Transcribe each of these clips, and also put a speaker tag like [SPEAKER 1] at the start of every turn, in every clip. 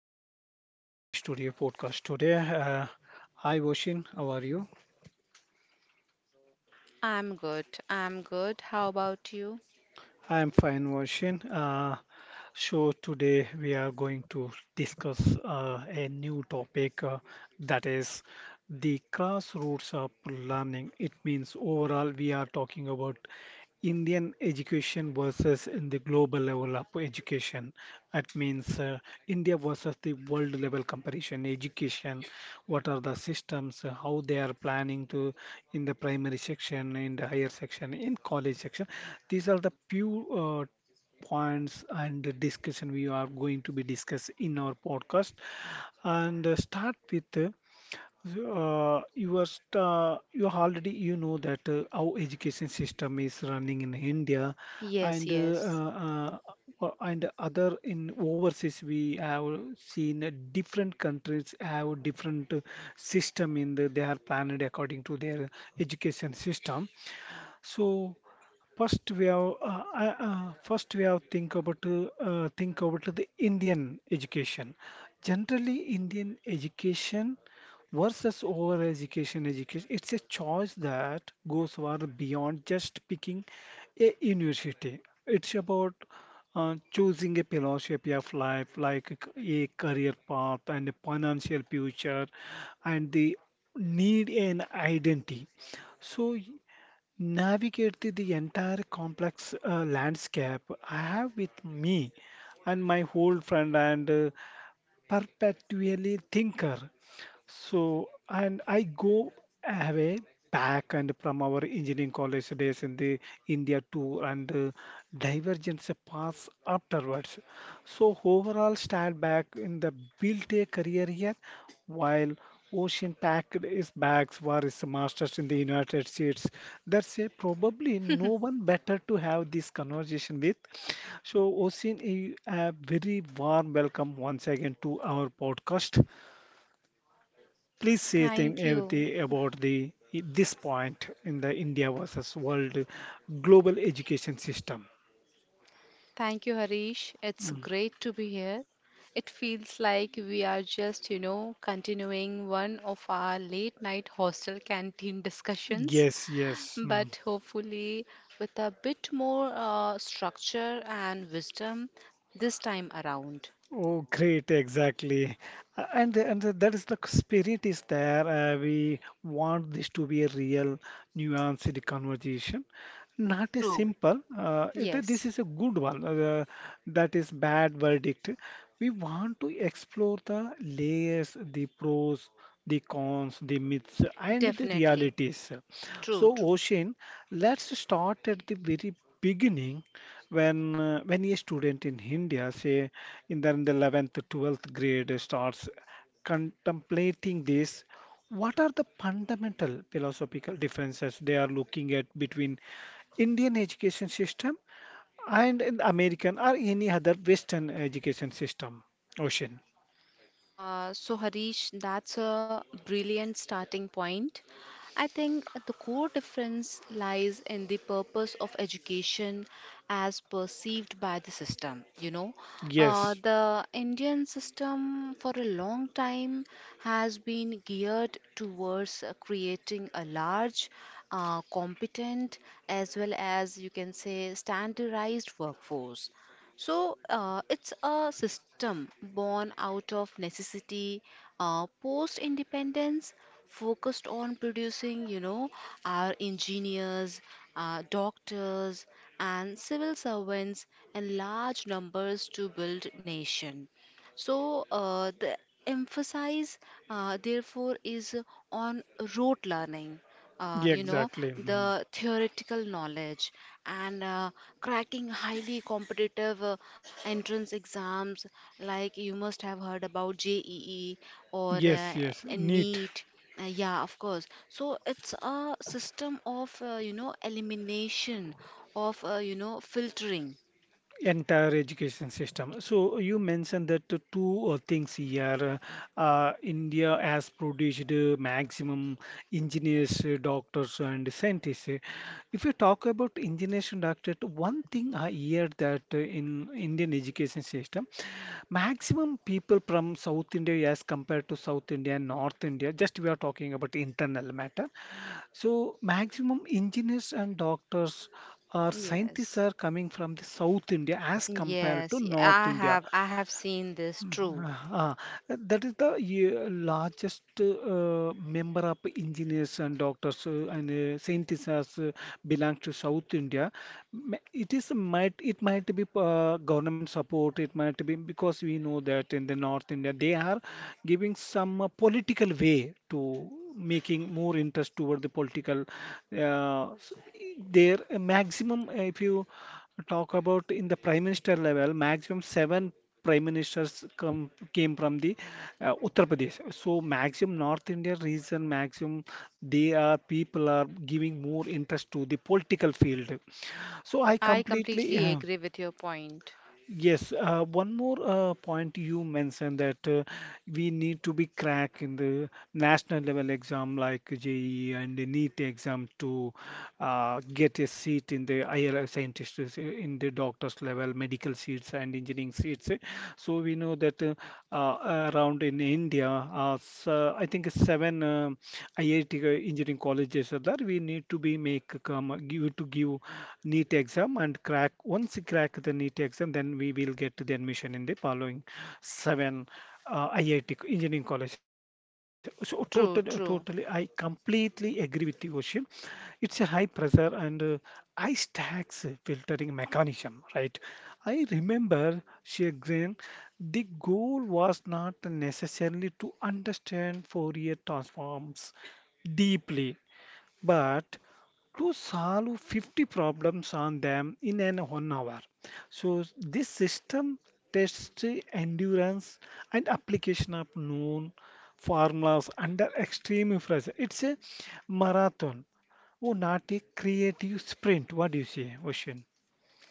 [SPEAKER 1] everyone, welcome to Hari Studio podcast today. Hi Voshin, how are you?
[SPEAKER 2] I'm good. I'm good. How about you?
[SPEAKER 1] I am fine, Voshin. So today we are going to discuss a new topic that is the grassroots of learning. It means overall we are talking about Indian education versus in the global level of education. That means India versus the world level comparison. Education, what are the systems, how they are planning to in the primary section, in the higher section, in college section. These are the few points and the discussion we are going to be discuss in our podcast. And Start with. You are sta You already you know that how education system is running in India
[SPEAKER 2] Yes,
[SPEAKER 1] and
[SPEAKER 2] yes.
[SPEAKER 1] uh, and other in overseas we have seen different countries have different system in they are planned according to their education system. So first we have think about the Indian education. Generally, Indian education versus over education, it's a choice that goes far beyond just picking a university. It's about choosing a philosophy of life, like a career path and a financial future, and the need an identity. So navigate the entire complex landscape. I have with me and my old friend and perpetually thinker. So, and I go away back and from our engineering college days in the India tour and divergence paths afterwards. So overall stand back in the built a career here while Ocean packed his bags for his masters in the United States. That's a probably no one better to have this conversation with. So, Osin, a very warm welcome once again to our podcast. Please say
[SPEAKER 2] Thank
[SPEAKER 1] thing
[SPEAKER 2] you.
[SPEAKER 1] everything about the this point in the India versus world global education system.
[SPEAKER 2] Thank you, Harish. It's
[SPEAKER 1] Mm.
[SPEAKER 2] great to be here. It feels like we are just, you know, continuing one of our late night hostel canteen discussions,
[SPEAKER 1] Yes, yes. Mm.
[SPEAKER 2] but hopefully with a bit more structure and wisdom this time around.
[SPEAKER 1] Oh, great, exactly. That is the spirit is there. We want this to be a real, nuanced conversation, not a
[SPEAKER 2] True.
[SPEAKER 1] simple, this
[SPEAKER 2] Yes,
[SPEAKER 1] is a good one, that is bad verdict. We want to explore the layers, the pros, the cons, the myths, and the
[SPEAKER 2] definitely.
[SPEAKER 1] realities.
[SPEAKER 2] True,
[SPEAKER 1] So,
[SPEAKER 2] true.
[SPEAKER 1] Ocean, let's start at the very beginning when a student in India, say in the 11th, 12th grade, starts contemplating this, what are the fundamental philosophical differences they are looking at between Indian education system and in American or any other Western education system? Ocean.
[SPEAKER 2] So, Harish, that's a brilliant starting point. I think the core difference lies in the purpose of education as perceived by the system. You know,
[SPEAKER 1] Yes.
[SPEAKER 2] the Indian system for a long time has been geared towards creating a large, competent, as well as you can say standardized workforce. So it's a system born out of necessity, post independence, focused on producing, you know, our engineers, doctors, and civil servants in large numbers to build nation. So the emphasis, therefore, is on rote learning,
[SPEAKER 1] Yeah,
[SPEAKER 2] you know,
[SPEAKER 1] exactly. Mhm.
[SPEAKER 2] the theoretical knowledge and cracking highly competitive entrance exams, like you must have heard about JEE or
[SPEAKER 1] Yes. Yes.
[SPEAKER 2] a
[SPEAKER 1] Neat.
[SPEAKER 2] NEET. Yeah, of course. So it's a system of, you know, elimination, of, you know, filtering.
[SPEAKER 1] Entire education system. So you mentioned that the two things here, India has produced maximum engineers, doctors, and scientists. If you talk about engineers and doctors, one thing I hear that in Indian education system, maximum people from South India as compared to South India and North India, just we are talking about internal matter. So maximum engineers and doctors or scientists
[SPEAKER 2] Yes,
[SPEAKER 1] are coming from the South India as compared to
[SPEAKER 2] yes,
[SPEAKER 1] North
[SPEAKER 2] I
[SPEAKER 1] India.
[SPEAKER 2] have I have seen this. True.
[SPEAKER 1] Ah, that is the yeah, largest member of engineers and doctors and scientists as, belong to South India. It is might be government support. It might be because we know that in the North India they are giving some political way to making more interest toward the political. Uh, s- their maximum, if you talk about in the prime minister level, maximum seven prime ministers come came from the Uttar Pradesh. So maximum North India region, maximum they are people are giving more interest to the political field. So I
[SPEAKER 2] I
[SPEAKER 1] completely
[SPEAKER 2] completely agree with your point.
[SPEAKER 1] Yes, one more point you mentioned that we need to be crack in the national level exam like JEE and the NEET exam to get a seat in the IR scientists in the doctors level, medical seats and engineering seats. So we know that around in India, I think seven IIT engineering colleges are there. We need to be make come give need to give NEET exam and crack. Once you crack the NEET exam, then we will get the admission in the following seven IIT engineering college. So totally, I
[SPEAKER 2] True, true.
[SPEAKER 1] completely agree with you, Ocean. It's a high pressure and ice tax filtering mechanism, right? I remember Shegreen, the goal was not necessarily to understand Fourier transforms deeply but to solve 50 problems on them in an 1 hour. So this system tests the endurance and application of known formulas under extreme pressure. It's a marathon, oh, not a creative sprint. What do you say, Ocean?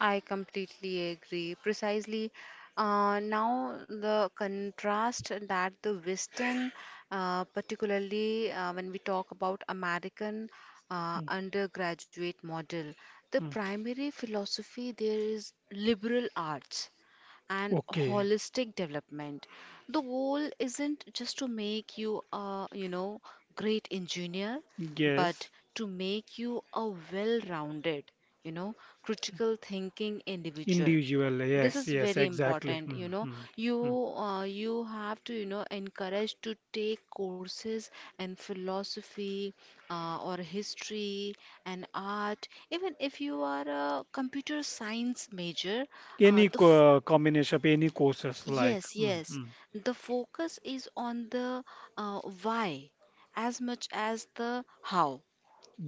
[SPEAKER 2] I completely agree. Precisely. Now, the contrast that the Western, particularly when we talk about American
[SPEAKER 1] Mm,
[SPEAKER 2] undergraduate model, the
[SPEAKER 1] mm.
[SPEAKER 2] primary philosophy there is liberal arts and
[SPEAKER 1] Okay.
[SPEAKER 2] holistic development. The goal isn't just to make you a, you know, great engineer,
[SPEAKER 1] Yes.
[SPEAKER 2] but to make you a well-rounded, you know, critical thinking individual.
[SPEAKER 1] Individual.
[SPEAKER 2] This
[SPEAKER 1] Yes.
[SPEAKER 2] is
[SPEAKER 1] Yes.
[SPEAKER 2] very
[SPEAKER 1] Exactly.
[SPEAKER 2] important, you
[SPEAKER 1] Mm,
[SPEAKER 2] know.
[SPEAKER 1] mm,
[SPEAKER 2] You
[SPEAKER 1] mm.
[SPEAKER 2] you have to, you know, encourage to take courses in philosophy or history and art. Even if you are a computer science major, uh,
[SPEAKER 1] Any
[SPEAKER 2] the f-
[SPEAKER 1] co combination of any courses like.
[SPEAKER 2] yes,
[SPEAKER 1] Mm,
[SPEAKER 2] yes.
[SPEAKER 1] mm.
[SPEAKER 2] The focus is on the why as much as the how.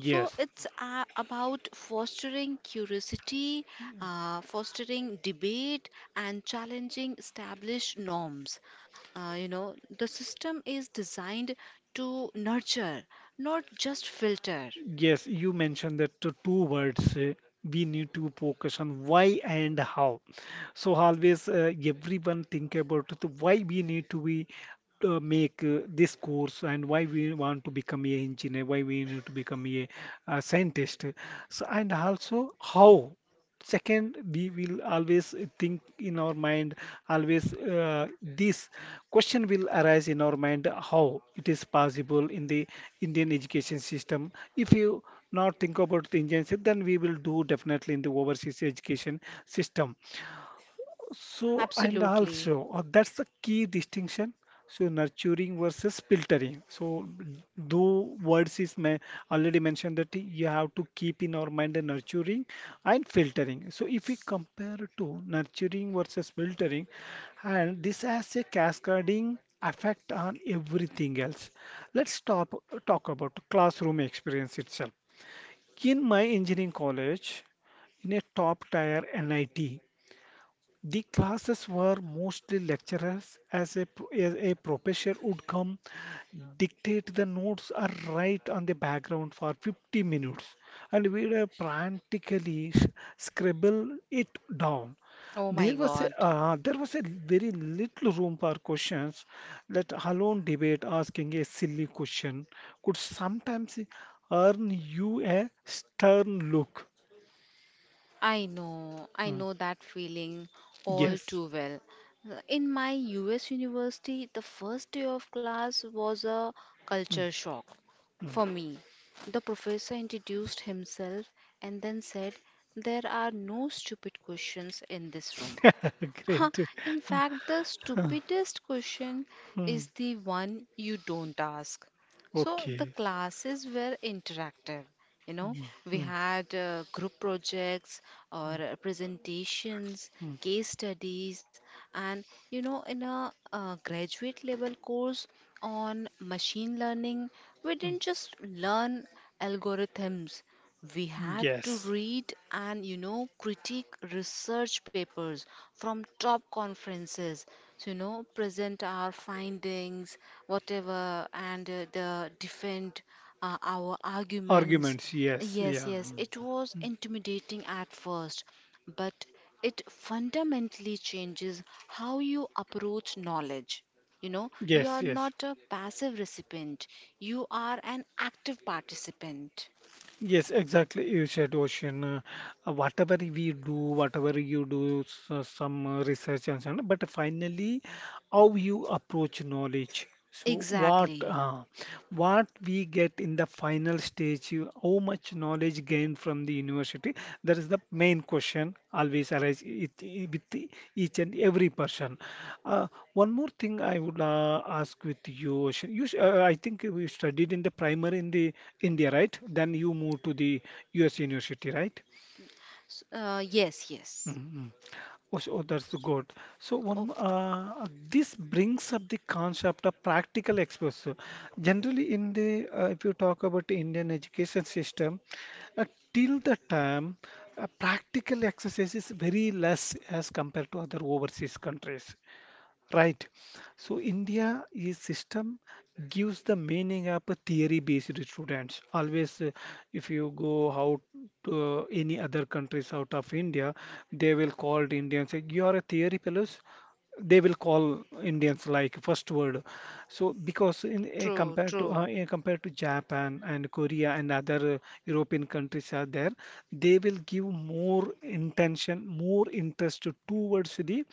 [SPEAKER 2] So it's about fostering curiosity, fostering debate, and challenging established norms. You know, the system is designed to nurture, not just filter.
[SPEAKER 1] Yes, you mentioned that the two words we need to focus on why and how. So always everyone think about the why we need to be make this course and why we want to become a engineer, why we need to become a, scientist. So and also how. Second, we will always think in our mind, always this question will arise in our mind how it is possible in the Indian education system. If you not think about the Indian system, then we will do definitely in the overseas education system. So, and
[SPEAKER 2] Absolutely.
[SPEAKER 1] also, that's the key distinction. So, nurturing versus filtering. So, though words is may already mentioned that you have to keep in our mind the nurturing and filtering. So, if we compare to nurturing versus filtering, and this has a cascading effect on everything else. Let's stop talk about classroom experience itself. In my engineering college, in a top tier NIT. The classes were mostly lecturers, as a, as a professor would come, dictate the notes or write on the background for 50 minutes, and we would practically scribble it down.
[SPEAKER 2] Oh my
[SPEAKER 1] There was
[SPEAKER 2] God.
[SPEAKER 1] there was a very little room for questions. Let alone debate, asking a silly question could sometimes earn you a stern look.
[SPEAKER 2] I
[SPEAKER 1] Mm.
[SPEAKER 2] know that feeling all
[SPEAKER 1] Yes.
[SPEAKER 2] too well. In my US university, the first day of class was a
[SPEAKER 1] Mm.
[SPEAKER 2] culture shock for me. The professor introduced himself and then said, "There are no stupid questions in this room. Huh,
[SPEAKER 1] Great.
[SPEAKER 2] in
[SPEAKER 1] Uh,
[SPEAKER 2] fact, the stupidest question
[SPEAKER 1] mm.
[SPEAKER 2] is the one you don't ask." So the
[SPEAKER 1] Okay.
[SPEAKER 2] classes were interactive. You know,
[SPEAKER 1] Mm,
[SPEAKER 2] we
[SPEAKER 1] mm,
[SPEAKER 2] had group projects
[SPEAKER 1] mm,
[SPEAKER 2] or presentations,
[SPEAKER 1] mm,
[SPEAKER 2] case studies, and, you know, in a graduate level course on machine learning, we
[SPEAKER 1] mm.
[SPEAKER 2] didn't just learn algorithms. We had to
[SPEAKER 1] Yes.
[SPEAKER 2] read and, you know, critique research papers from top conferences, so, you know, present our findings whatever and the defend our arguments.
[SPEAKER 1] Arguments. Yes.
[SPEAKER 2] Yes,
[SPEAKER 1] Yeah.
[SPEAKER 2] yes,
[SPEAKER 1] Mm,
[SPEAKER 2] it
[SPEAKER 1] mm.
[SPEAKER 2] was intimidating at first, but it fundamentally changes how you approach knowledge. You know, you
[SPEAKER 1] Yes.
[SPEAKER 2] are
[SPEAKER 1] Yes.
[SPEAKER 2] not a passive recipient, you are an active participant.
[SPEAKER 1] Yes. Exactly. You said ocean. Whatever we do, whatever you do, so some research and so on. But finally, how you approach knowledge. So what?
[SPEAKER 2] Exactly.
[SPEAKER 1] What we get in the final stage, how much knowledge gained from the university, that is the main question always arise with each and every person. Uh, One more thing I would ask with you, Ocean. You, I think you studied in the primary in the India, right? Then you moved to the US university, right?
[SPEAKER 2] Yes, yes.
[SPEAKER 1] Mm-hmm. Oh, so oh, that's good. So one,
[SPEAKER 2] Oh,
[SPEAKER 1] this brings up the concept of practical exposure. Generally, in the if you talk about the Indian education system, uh, till the time, practical exercise is very less as compared to other overseas countries. Right. So India is system gives the meaning of a theory-based students. Always, if you go out to any other countries out of India, they will call the Indians. Say, you are a theory fellows. They will call Indians like first word. So because in
[SPEAKER 2] true,
[SPEAKER 1] compared to
[SPEAKER 2] true.
[SPEAKER 1] compared to Japan and Korea and other European countries are there, they will give more intention, more interest towards the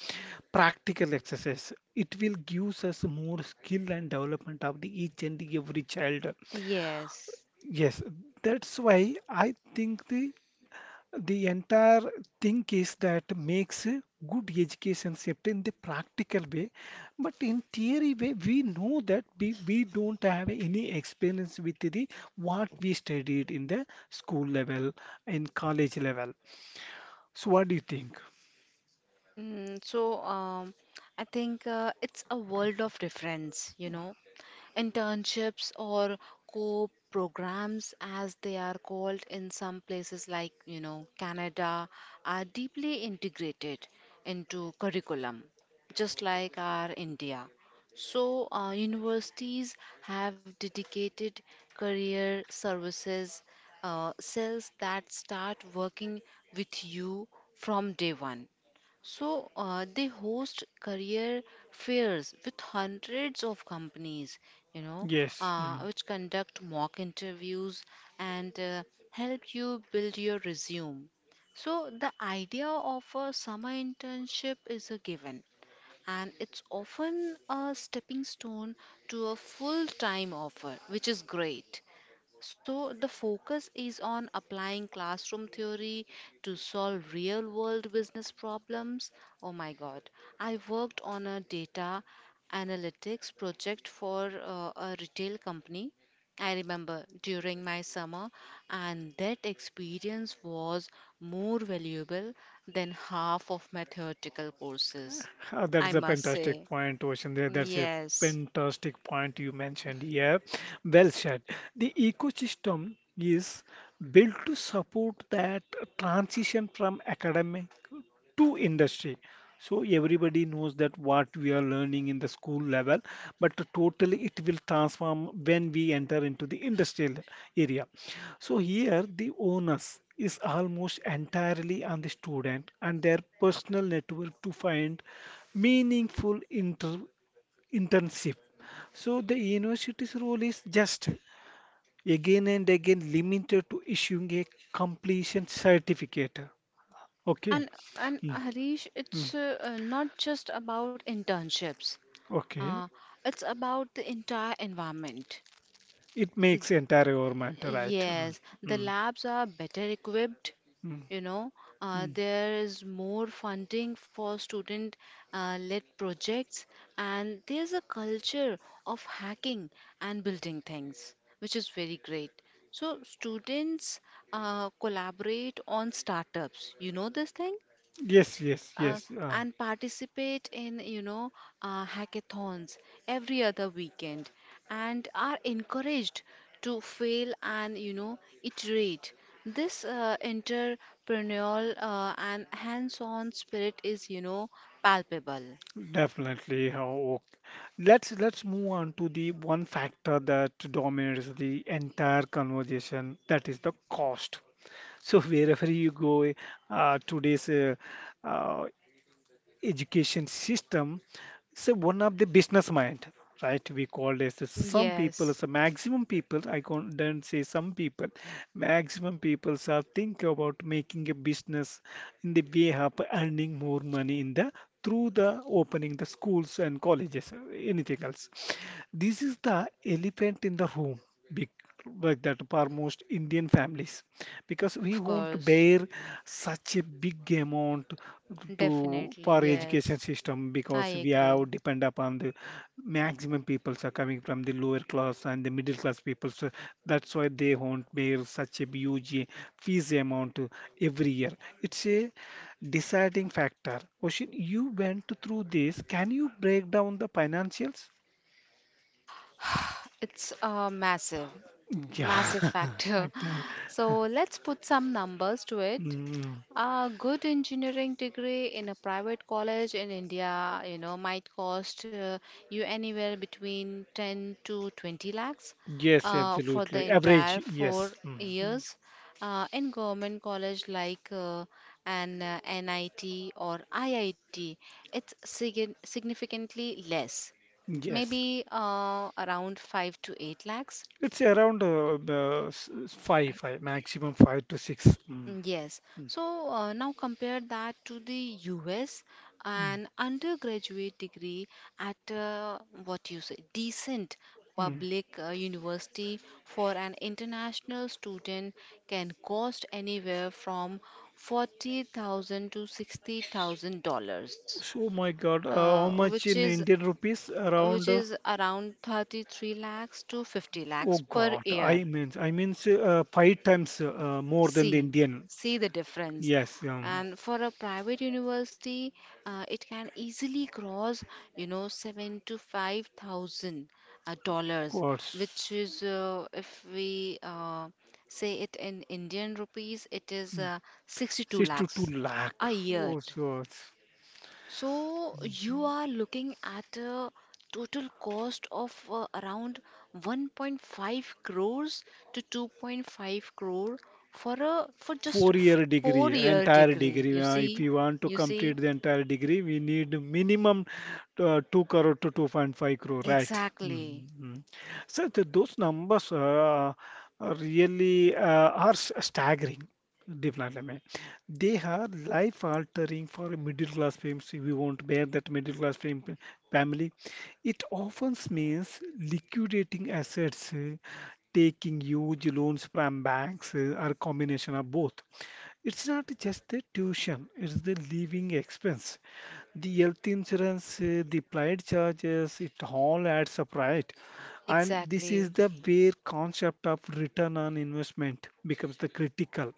[SPEAKER 1] practical exercise. It will gives us more skill and development of the each and the every child.
[SPEAKER 2] Yes.
[SPEAKER 1] Yes, that's why I think the entire thing is that makes a good education shift in the practical way, but in theory way we know that we don't have any experience with the what we studied in the school level in college level. So what do you think?
[SPEAKER 2] So I think it's a world of difference, you know. Internships or co programs, as they are called in some places like, you know, Canada, are deeply integrated into curriculum, just like our India. So, universities have dedicated career services cells that start working with you from day one. So they host career fairs with hundreds of companies, you know,
[SPEAKER 1] Yes. Hmm.
[SPEAKER 2] which conduct mock interviews and help you build your resume. So the idea of a summer internship is a given, and it's often a stepping stone to a full-time offer, which is great. So, the focus is on applying classroom theory to solve real world business problems. Oh my God. I worked on a data analytics project for a retail company, I remember, during my summer, and that experience was more valuable than half of my theoretical courses.
[SPEAKER 1] That's
[SPEAKER 2] I
[SPEAKER 1] a
[SPEAKER 2] must
[SPEAKER 1] fantastic
[SPEAKER 2] say,
[SPEAKER 1] point, Ocean. That's a
[SPEAKER 2] yes.
[SPEAKER 1] fantastic point you mentioned. Yeah, well said. The ecosystem is built to support that transition from academic to industry, so everybody knows that what we are learning in the school level but totally it will transform when we enter into the industrial area. So here the onus is almost entirely on the student and their personal network to find meaningful internship. So the university's role is just again and again limited to issuing a completion certificate. Okay.
[SPEAKER 2] And and
[SPEAKER 1] Mm,
[SPEAKER 2] Harish,
[SPEAKER 1] mm.
[SPEAKER 2] it's not just about internships.
[SPEAKER 1] Okay,
[SPEAKER 2] Uh, it's about the entire environment.
[SPEAKER 1] it
[SPEAKER 2] N-
[SPEAKER 1] makes entire environment right. Mm,
[SPEAKER 2] Yes, the
[SPEAKER 1] mm,
[SPEAKER 2] labs are better equipped.
[SPEAKER 1] mm,
[SPEAKER 2] You know,
[SPEAKER 1] mm.
[SPEAKER 2] there is more funding for student-led projects, and there's a culture of hacking and building things, which is very great. So students collaborate on startups. You know this thing?
[SPEAKER 1] Yes, yes,
[SPEAKER 2] uh,
[SPEAKER 1] yes.
[SPEAKER 2] and participate in, you know, hackathons every other weekend and are encouraged to fail and, you know, iterate. This entrepreneurial and hands-on spirit is, you know, palpable.
[SPEAKER 1] Definitely. Let's move on to the one factor that dominates the entire conversation. That is the cost. So wherever you go, today's uh, education system is one of the business mind, right? We call this some people,
[SPEAKER 2] Yes,
[SPEAKER 1] so maximum people don't say some people, maximum people are think about making a business in the way of earning more money in the through the opening the schools and colleges, anything else. This is the elephant in the room, big, like that for most Indian families, because we
[SPEAKER 2] of
[SPEAKER 1] won't
[SPEAKER 2] course.
[SPEAKER 1] bear such a big amount to
[SPEAKER 2] Definitely.
[SPEAKER 1] for
[SPEAKER 2] Yes,
[SPEAKER 1] education system
[SPEAKER 2] I
[SPEAKER 1] because we
[SPEAKER 2] agree.
[SPEAKER 1] have depend upon the maximum peoples are coming from the lower class and the middle class people. So that's why they won't bear such a huge fees amount every year. It's a deciding factor. Ocean, you went through this. Can you break down the financials?
[SPEAKER 2] It's massive.
[SPEAKER 1] Yeah,
[SPEAKER 2] Massive factor.
[SPEAKER 1] Akhtar.
[SPEAKER 2] So let's put some numbers to it.
[SPEAKER 1] Mm,
[SPEAKER 2] A good engineering degree in a private college in India, you know, might cost you anywhere between 10 to 20 lakhs
[SPEAKER 1] yes,
[SPEAKER 2] for the
[SPEAKER 1] absolutely. Average,
[SPEAKER 2] entire
[SPEAKER 1] yes.
[SPEAKER 2] four years. In government college like an NIT or IIT, it's significantly less,
[SPEAKER 1] Yes.
[SPEAKER 2] maybe around 5 to 8 lakhs.
[SPEAKER 1] It's around five, five, maximum five to six.
[SPEAKER 2] Mm, yes.
[SPEAKER 1] Mm,
[SPEAKER 2] So now compare that to the US,
[SPEAKER 1] mm,
[SPEAKER 2] an undergraduate degree at a, what you say, decent
[SPEAKER 1] mm.
[SPEAKER 2] public university for an international student can cost anywhere from $40,000 to $60,000,
[SPEAKER 1] So, my God,
[SPEAKER 2] uh,
[SPEAKER 1] how
[SPEAKER 2] which
[SPEAKER 1] much in
[SPEAKER 2] is
[SPEAKER 1] Indian rupees?
[SPEAKER 2] which
[SPEAKER 1] Around,
[SPEAKER 2] is around 33 lakhs to 50
[SPEAKER 1] oh
[SPEAKER 2] lakhs per
[SPEAKER 1] God,
[SPEAKER 2] year.
[SPEAKER 1] I means five times more than the
[SPEAKER 2] see
[SPEAKER 1] Indian.
[SPEAKER 2] see the difference.
[SPEAKER 1] Yes,
[SPEAKER 2] And for a private university it can easily cross, you know, seven to five thousand
[SPEAKER 1] of
[SPEAKER 2] dollars, which
[SPEAKER 1] course.
[SPEAKER 2] is, if we say it in Indian rupees, it is
[SPEAKER 1] Mm.
[SPEAKER 2] 62
[SPEAKER 1] Six to two
[SPEAKER 2] lakhs
[SPEAKER 1] lakh.
[SPEAKER 2] a
[SPEAKER 1] Oh,
[SPEAKER 2] year.
[SPEAKER 1] so it's
[SPEAKER 2] So you are looking at a total cost of around 1.5 crores to 2.5 crore for a for just
[SPEAKER 1] 4 year
[SPEAKER 2] four
[SPEAKER 1] degree,
[SPEAKER 2] year
[SPEAKER 1] entire
[SPEAKER 2] degree. You
[SPEAKER 1] degree.
[SPEAKER 2] see?
[SPEAKER 1] Uh, if you
[SPEAKER 2] You
[SPEAKER 1] want to
[SPEAKER 2] see?
[SPEAKER 1] complete the entire degree we need minimum 2 crore to 2.5 crore, right?
[SPEAKER 2] Exactly.
[SPEAKER 1] Mm-hmm. So those numbers are really are staggering. Definitely, man. They are life altering for a middle class family. So we won't bear that middle class family. It often means liquidating assets, eh, taking huge loans from banks, eh, or combination of both. It's not just the tuition, it's the living expense. The health insurance, eh, the plight charges, it all adds up, right? And this is
[SPEAKER 2] Exactly.
[SPEAKER 1] the where concept of return on investment becomes the critical.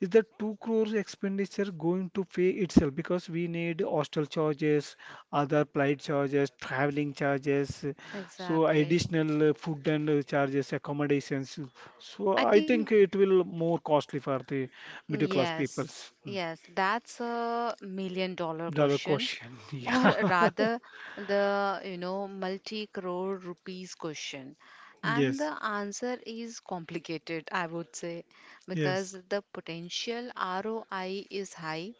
[SPEAKER 1] Is the 2 crores expenditure going to pay itself? Because we need hostel charges, other flight charges, traveling charges, so
[SPEAKER 2] Exactly.
[SPEAKER 1] additional food and charges, accommodations. So
[SPEAKER 2] I
[SPEAKER 1] I
[SPEAKER 2] think.
[SPEAKER 1] think it will more costly for the middle class
[SPEAKER 2] Yes,
[SPEAKER 1] peoples
[SPEAKER 2] yes, that's a million dollar
[SPEAKER 1] dollar
[SPEAKER 2] question,
[SPEAKER 1] question.
[SPEAKER 2] or
[SPEAKER 1] Yeah,
[SPEAKER 2] rather, the, you know, multi crore rupees question. And
[SPEAKER 1] yes,
[SPEAKER 2] the answer is complicated, I would say, because
[SPEAKER 1] yes.
[SPEAKER 2] the potential ROI is high,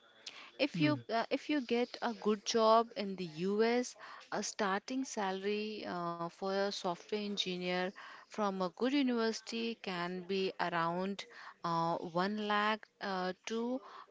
[SPEAKER 1] Mm.
[SPEAKER 2] if you get a good job in the US, a starting salary for a software engineer from a good university can be around 1 lakh to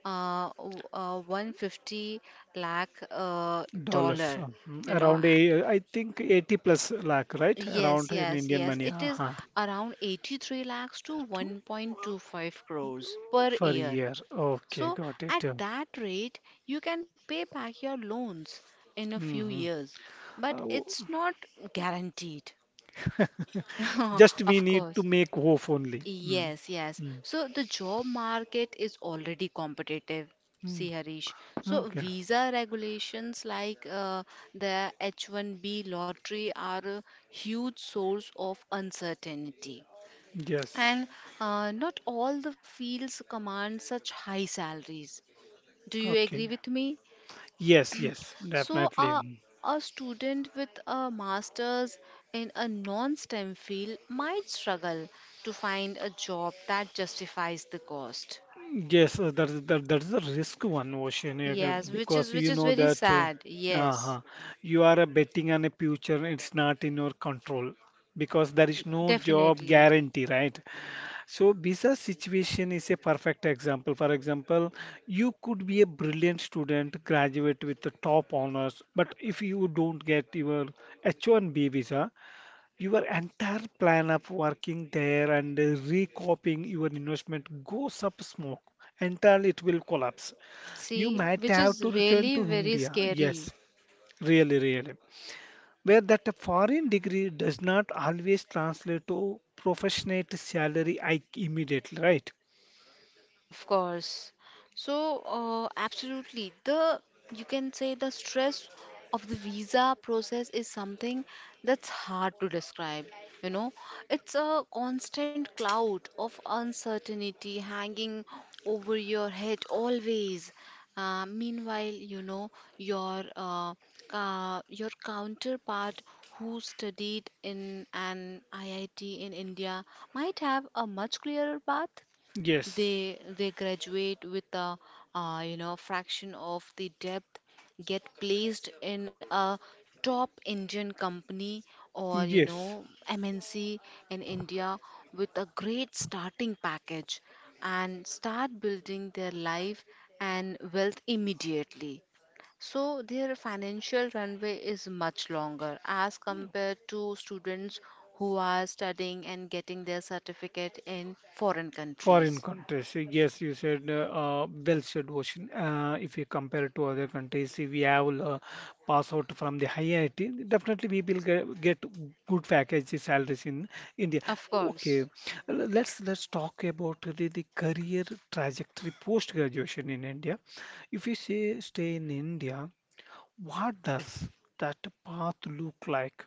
[SPEAKER 2] 150 lakh
[SPEAKER 1] Dollars
[SPEAKER 2] dollar,
[SPEAKER 1] mm,
[SPEAKER 2] you know.
[SPEAKER 1] around a, I think 80 plus lakh right
[SPEAKER 2] Yes,
[SPEAKER 1] around in
[SPEAKER 2] yes,
[SPEAKER 1] Indian
[SPEAKER 2] yes.
[SPEAKER 1] money.
[SPEAKER 2] It is
[SPEAKER 1] Uh-huh.
[SPEAKER 2] around 83 lakhs to
[SPEAKER 1] Two-
[SPEAKER 2] 1.25 crores per
[SPEAKER 1] for a
[SPEAKER 2] year.
[SPEAKER 1] year. Okay,
[SPEAKER 2] So,
[SPEAKER 1] got
[SPEAKER 2] at
[SPEAKER 1] it.
[SPEAKER 2] that rate, you can pay back your loans in a few
[SPEAKER 1] Hmm.
[SPEAKER 2] years, but
[SPEAKER 1] Oh.
[SPEAKER 2] it's not guaranteed.
[SPEAKER 1] Just we
[SPEAKER 2] Of
[SPEAKER 1] need to
[SPEAKER 2] course.
[SPEAKER 1] make hope only. Mm.
[SPEAKER 2] Yes, yes.
[SPEAKER 1] Mm.
[SPEAKER 2] So, the job market is already competitive.
[SPEAKER 1] Mm.
[SPEAKER 2] See, Harish. So,
[SPEAKER 1] Okay.
[SPEAKER 2] visa regulations like the H1B lottery are a huge source of uncertainty.
[SPEAKER 1] Yes.
[SPEAKER 2] And not all the fields command such high salaries. Do you
[SPEAKER 1] Okay.
[SPEAKER 2] agree with me?
[SPEAKER 1] Yes, yes,
[SPEAKER 2] So,
[SPEAKER 1] definitely. Mm.
[SPEAKER 2] a student with a master's in a non STEM field might struggle to find a job that justifies the cost.
[SPEAKER 1] Yes, that is a risk one, Ocean,
[SPEAKER 2] Yes, which is
[SPEAKER 1] because
[SPEAKER 2] which
[SPEAKER 1] you
[SPEAKER 2] is
[SPEAKER 1] know
[SPEAKER 2] very
[SPEAKER 1] that uh,
[SPEAKER 2] sad. Yes,
[SPEAKER 1] uh you are betting on a future, it's not in your control because there is no job
[SPEAKER 2] definitely.
[SPEAKER 1] guarantee, right? So visa situation is a perfect example. For example, you could be a brilliant student, graduate with the top honors, but if you don't get your H-1B visa, your entire plan of working there and recopying your investment goes up smoke. Entirely, it will collapse. You
[SPEAKER 2] See,
[SPEAKER 1] might
[SPEAKER 2] which is
[SPEAKER 1] have to return
[SPEAKER 2] really
[SPEAKER 1] to
[SPEAKER 2] very
[SPEAKER 1] India.
[SPEAKER 2] scary.
[SPEAKER 1] Yes, really, really. Where that foreign degree does not always translate to professional salary hike immediately, right?
[SPEAKER 2] Of course. So, absolutely. The You can say the stress of the visa process is something that's hard to describe. You know, it's a constant cloud of uncertainty hanging over your head always. Meanwhile, you know, your uh, your counterpart who studied in an IIT in India might have a much clearer path.
[SPEAKER 1] Yes,
[SPEAKER 2] They graduate with a, you know, fraction of the depth, get placed in a top Indian company or, you
[SPEAKER 1] yes.
[SPEAKER 2] know, MNC in India with a great starting package, and start building their life and wealth immediately. So their financial runway is much longer as compared to students who are studying and getting their certificate in foreign
[SPEAKER 1] Foreign
[SPEAKER 2] countries.
[SPEAKER 1] countries, yes, you said well said, Ocean. If you compare to other countries, if we have pass out from the IT, definitely we will get good packages, salaries in India.
[SPEAKER 2] Of
[SPEAKER 1] Okay,
[SPEAKER 2] course.
[SPEAKER 1] let's talk about the career trajectory post graduation in India. If you say stay in India. What does that path look like?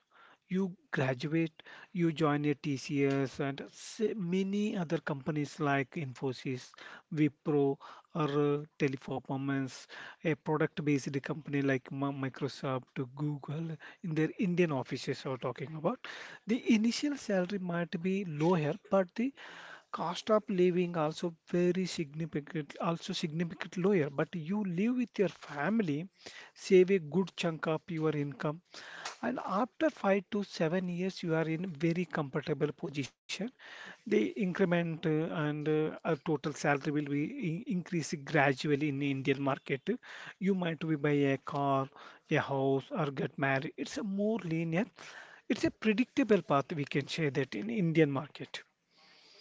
[SPEAKER 1] You graduate, you join a TCS and many other companies like Infosys, Wipro, or Teleperformance, a product-based company like Microsoft, Google, in their Indian offices are talking about. The initial salary might be lower, but the cost of living also very significant, also significant lower, but you live with your family, save a good chunk of your income. And after 5 to 7 years, you are in very comfortable position. The increment and our total salary will be in increasing gradually in Indian market. You might be buy a car, a house, or get married. It's a more linear. It's a predictable path. We can say that in Indian market.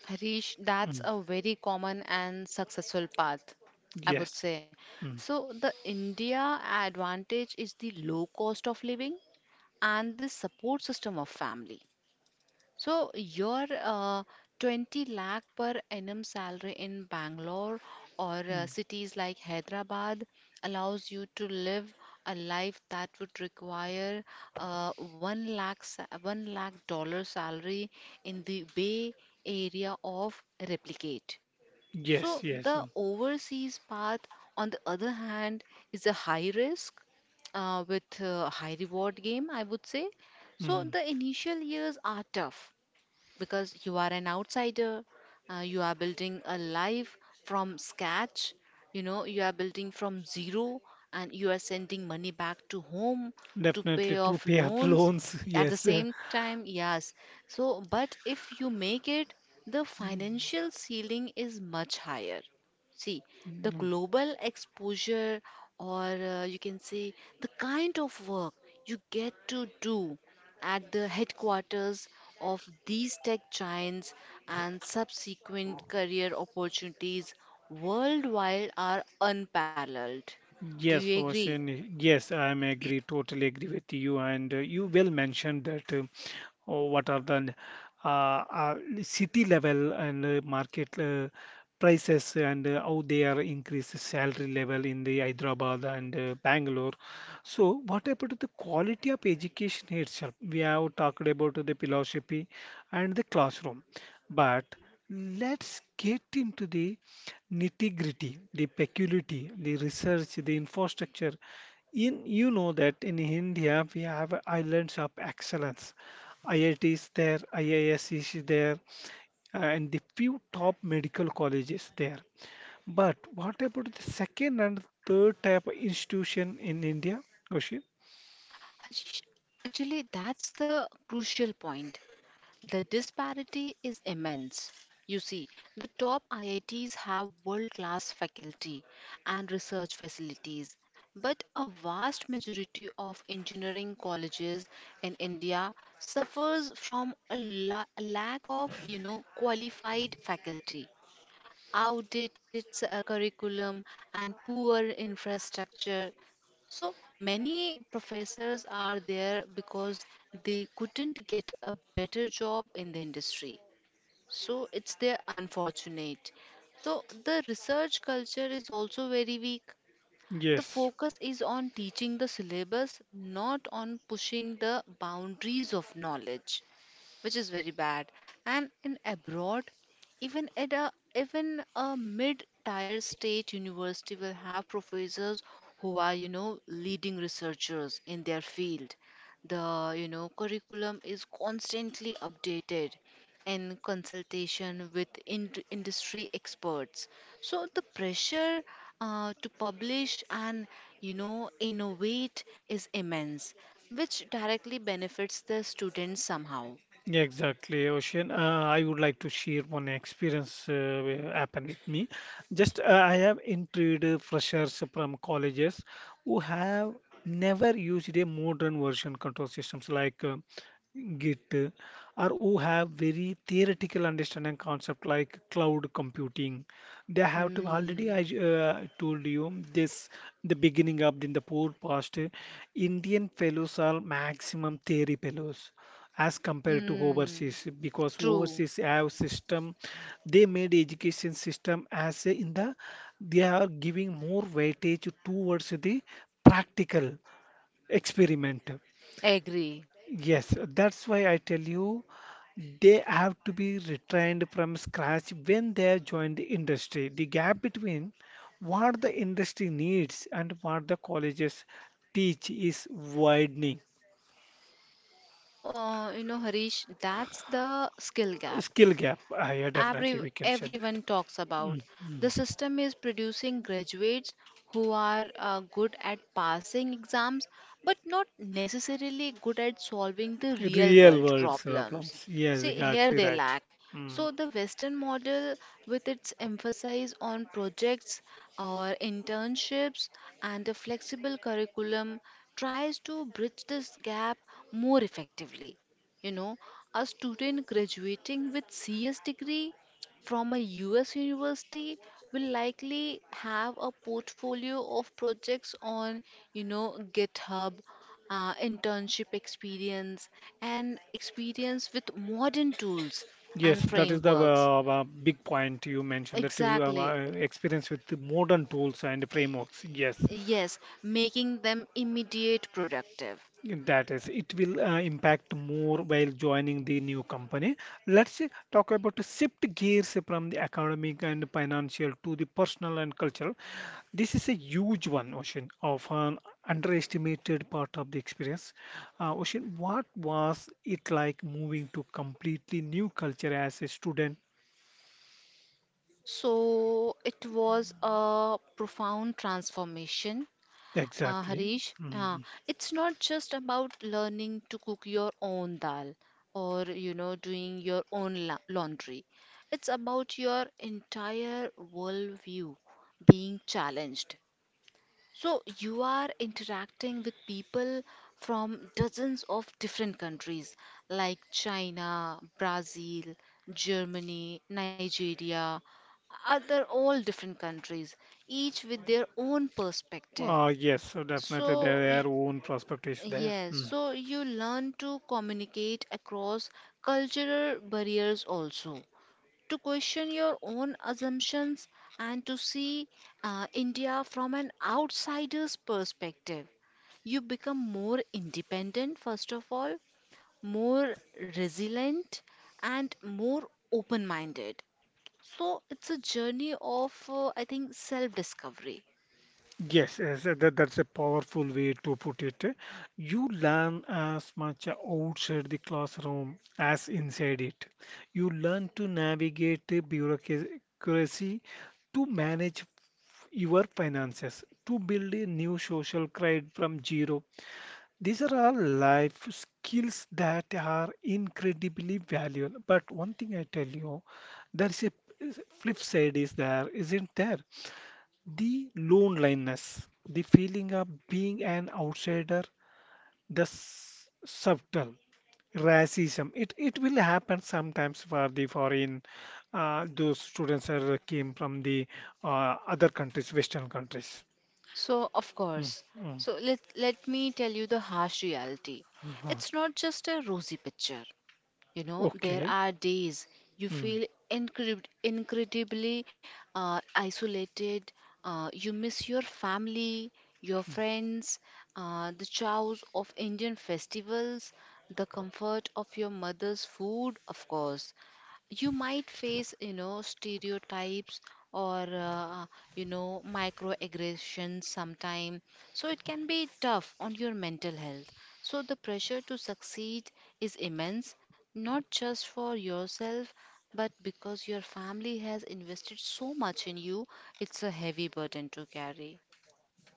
[SPEAKER 2] Harish, that's
[SPEAKER 1] Mm.
[SPEAKER 2] a very common and successful path, I would
[SPEAKER 1] Yes.
[SPEAKER 2] say.
[SPEAKER 1] Mm.
[SPEAKER 2] So, the India advantage is the low cost of living and the support system of family. So your 20 lakh per annum salary in Bangalore or
[SPEAKER 1] Mm.
[SPEAKER 2] cities like Hyderabad allows you to live a life that would require 1 lakh 1 lakh dollar salary in the Bay Area of replicate. So
[SPEAKER 1] Yes,
[SPEAKER 2] the
[SPEAKER 1] yes.
[SPEAKER 2] overseas path, on the other hand, is a high risk with a high reward game, I would say. So
[SPEAKER 1] Mm.
[SPEAKER 2] the initial years are tough because you are an outsider, you are building a life from scratch, you know, you are building from zero, and you are sending money back to home to pay
[SPEAKER 1] Definitely to
[SPEAKER 2] off
[SPEAKER 1] pay up
[SPEAKER 2] loans
[SPEAKER 1] loans.
[SPEAKER 2] at the
[SPEAKER 1] Yes.
[SPEAKER 2] same time. Yes. So but if you make it, the financial ceiling is much higher. See, the
[SPEAKER 1] Mm.
[SPEAKER 2] global exposure, or, you can say, the kind of work you get to do at the headquarters of these tech giants and subsequent career opportunities worldwide are unparalleled. Do you
[SPEAKER 1] Yes,
[SPEAKER 2] agree?
[SPEAKER 1] Vashen. Yes, I am agree, totally agree with you. And you well mentioned that oh, what are the uh, uh, city level and market prices and how they are increased salary level in the Hyderabad and Bangalore. So, what about the quality of education itself? We have talked about the philosophy and the classroom. But let's get into the nitty-gritty, the peculiarity, the research, the infrastructure. In you know that in India we have islands of excellence. IIT is there, IIS is there, and the few top medical colleges there. But what about the second and third type of institution in India, Goshi?
[SPEAKER 2] Hajish, actually, that's the crucial point. The disparity is immense. You see, the top IITs have world class faculty and research facilities, but a vast majority of engineering colleges in India suffers from a lack of, you know, qualified faculty, outdated curriculum, and poor infrastructure. So many professors are there because they couldn't get a better job in the industry. So it's their unfortunate. So the research culture is also very weak. The
[SPEAKER 1] Yes.
[SPEAKER 2] focus is on teaching the syllabus, not on pushing the boundaries of knowledge, which is very bad. And in abroad, even at a mid-tier state university, will have professors who are, you know, leading researchers in their field. The, you know, curriculum is constantly updated in consultation with industry experts. So the pressure to publish and, you know, innovate is immense, which directly benefits the students somehow.
[SPEAKER 1] Yeah, exactly, Ocean. I would like to share one experience where happened with me. Just I have interviewed freshers from colleges who have never used a modern version control systems like Git, or who have very theoretical understanding concept like cloud computing. They have to already
[SPEAKER 2] Mm,
[SPEAKER 1] I told you this the beginning of in the podcast. Uh, Indian fellows are maximum theory fellows as compared to
[SPEAKER 2] mm,
[SPEAKER 1] overseas because
[SPEAKER 2] true,
[SPEAKER 1] overseas have system they made education system as a, in the they are giving more weightage towards the practical experiment.
[SPEAKER 2] agree.
[SPEAKER 1] Yes, that's why I tell you they have to be retrained from scratch when they have joined the industry. The gap between what the industry needs and what the colleges teach is widening.
[SPEAKER 2] So, you know, Harish, that's the skill gap
[SPEAKER 1] Skill gap yeah, definitely we can share that.
[SPEAKER 2] everyone talks about.
[SPEAKER 1] Mm,
[SPEAKER 2] The
[SPEAKER 1] mm.
[SPEAKER 2] system is producing graduates who are good at passing exams but not necessarily good at solving the real
[SPEAKER 1] Real
[SPEAKER 2] world
[SPEAKER 1] world
[SPEAKER 2] problems.
[SPEAKER 1] problems. Yes,
[SPEAKER 2] See, here
[SPEAKER 1] exactly
[SPEAKER 2] they
[SPEAKER 1] right.
[SPEAKER 2] lack.
[SPEAKER 1] Mm.
[SPEAKER 2] So, the Western model, with its emphasis on projects or internships and a flexible curriculum, tries to bridge this gap more effectively. You know, a student graduating with CS degree from a US university will likely have a portfolio of projects on, you know, GitHub, internship experience, and experience with modern tools and
[SPEAKER 1] Yes, that is the
[SPEAKER 2] frameworks.
[SPEAKER 1] big point you mentioned that we
[SPEAKER 2] Exactly.
[SPEAKER 1] experience with the modern tools and frameworks. Yes,
[SPEAKER 2] Yes, making them immediate productive.
[SPEAKER 1] that is, it will impact more while joining the new company. Let's talk about the shift gears from the academic and financial to the personal and cultural. This is a huge one, Ocean, of an underestimated part of the experience. Ocean, what was it like moving to completely new culture as a student?
[SPEAKER 2] So it was a profound transformation.
[SPEAKER 1] Exactly.
[SPEAKER 2] Harish,
[SPEAKER 1] Mm.
[SPEAKER 2] it's not just about learning to cook your own dal or, you know, doing your own la laundry. It's about your entire worldview being challenged. So you are interacting with people from dozens of different countries like China, Brazil, Germany, Nigeria, other all different countries, each with their own perspective.
[SPEAKER 1] Yes, so definitely
[SPEAKER 2] so,
[SPEAKER 1] there
[SPEAKER 2] y-
[SPEAKER 1] are own perspectives there.
[SPEAKER 2] yes,
[SPEAKER 1] Mm-hmm.
[SPEAKER 2] so you learn to communicate across cultural barriers also, to question your own assumptions, and to see India from an outsider's perspective. You become more independent, first of all, more resilient, and more open minded. So, it's a journey of, I think, self discovery.
[SPEAKER 1] Yes, yes, that, that's a powerful way to put it. You learn as much outside the classroom as inside it. You learn to navigate the bureaucracy, to manage your finances, to build a new social credit from zero. These are all life skills that are incredibly valuable. But one thing I tell you, there is a flip side is there, isn't there? The loneliness, the feeling of being an outsider, the subtle racism. It will happen sometimes for the foreign those students are came from the other countries, Western countries.
[SPEAKER 2] So, of
[SPEAKER 1] Mm,
[SPEAKER 2] course.
[SPEAKER 1] mm,
[SPEAKER 2] So, let me tell you the harsh reality.
[SPEAKER 1] mhm.
[SPEAKER 2] It's not just a rosy picture. You know, there
[SPEAKER 1] Okay.
[SPEAKER 2] are days you
[SPEAKER 1] Hmm.
[SPEAKER 2] feel incredibly isolated. You miss your family, your friends, the chows of Indian festivals, the comfort of your mother's food, of course. You might face, you know, stereotypes or, you know, microaggressions sometime. So it can be tough on your mental health. So the pressure to succeed is immense, not just for yourself, but because your family has invested so much in you, it's a heavy burden to carry.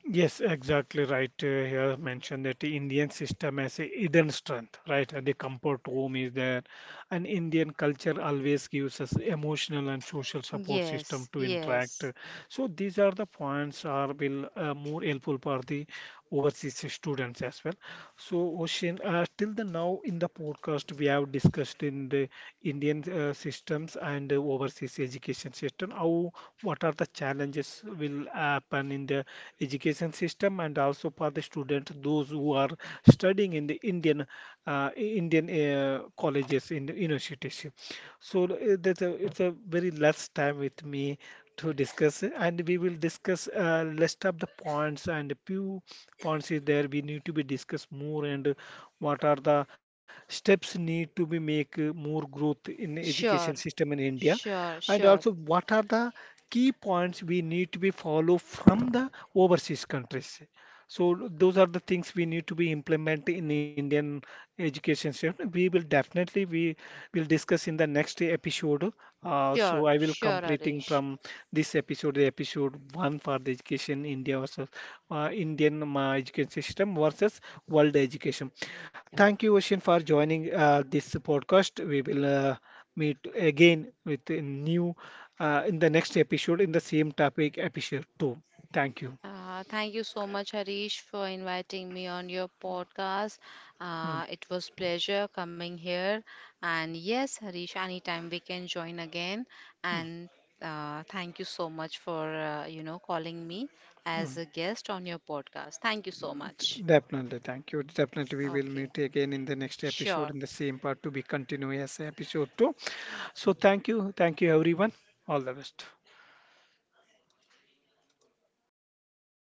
[SPEAKER 1] Yes, exactly right. Here mentioned that the Indian system has a hidden strength, right? The comfort home is there, and Indian culture always gives us emotional and social support system
[SPEAKER 2] Yes,
[SPEAKER 1] to interact.
[SPEAKER 2] yes.
[SPEAKER 1] So these are the points are will more helpful for the overseas students as well. So Ocean, till the now in the podcast we have discussed in the Indian systems and the overseas education system how what are the challenges will happen in the education system and also for the students those who are studying in the Indian colleges in the universities. So that's a, it's a very less time with me to discuss and we will discuss list of the points and few points is there we need to be discussed more and what are the steps need to be make more growth in education
[SPEAKER 2] Sure,
[SPEAKER 1] system in India
[SPEAKER 2] sure,
[SPEAKER 1] and
[SPEAKER 2] sure,
[SPEAKER 1] also what are the key points we need to be follow from the overseas countries. So those are the things we need to be implement in the Indian education system. We will definitely we will discuss in the next episode. So
[SPEAKER 2] sure,
[SPEAKER 1] I will
[SPEAKER 2] sure,
[SPEAKER 1] completing
[SPEAKER 2] Arish.
[SPEAKER 1] from this episode, the episode one for the education India versus Indian education system versus world education. Thank you, Ocean, for joining this podcast. We will. Uh, meet again with a new in the next episode in the same topic, episode 2. Thank you.
[SPEAKER 2] Thank you so much, Harish, for inviting me on your podcast.
[SPEAKER 1] Mm,
[SPEAKER 2] It was pleasure coming here. And yes, Harish, anytime we can join again. And thank you so much for, you know, calling me as
[SPEAKER 1] mm.
[SPEAKER 2] a guest on your podcast. Thank you so much.
[SPEAKER 1] Definitely, thank you. Definitely, we will
[SPEAKER 2] Okay,
[SPEAKER 1] meet again in the next
[SPEAKER 2] sure.
[SPEAKER 1] episode in the same part to be continuous, episode two. So, thank you, everyone. All the best.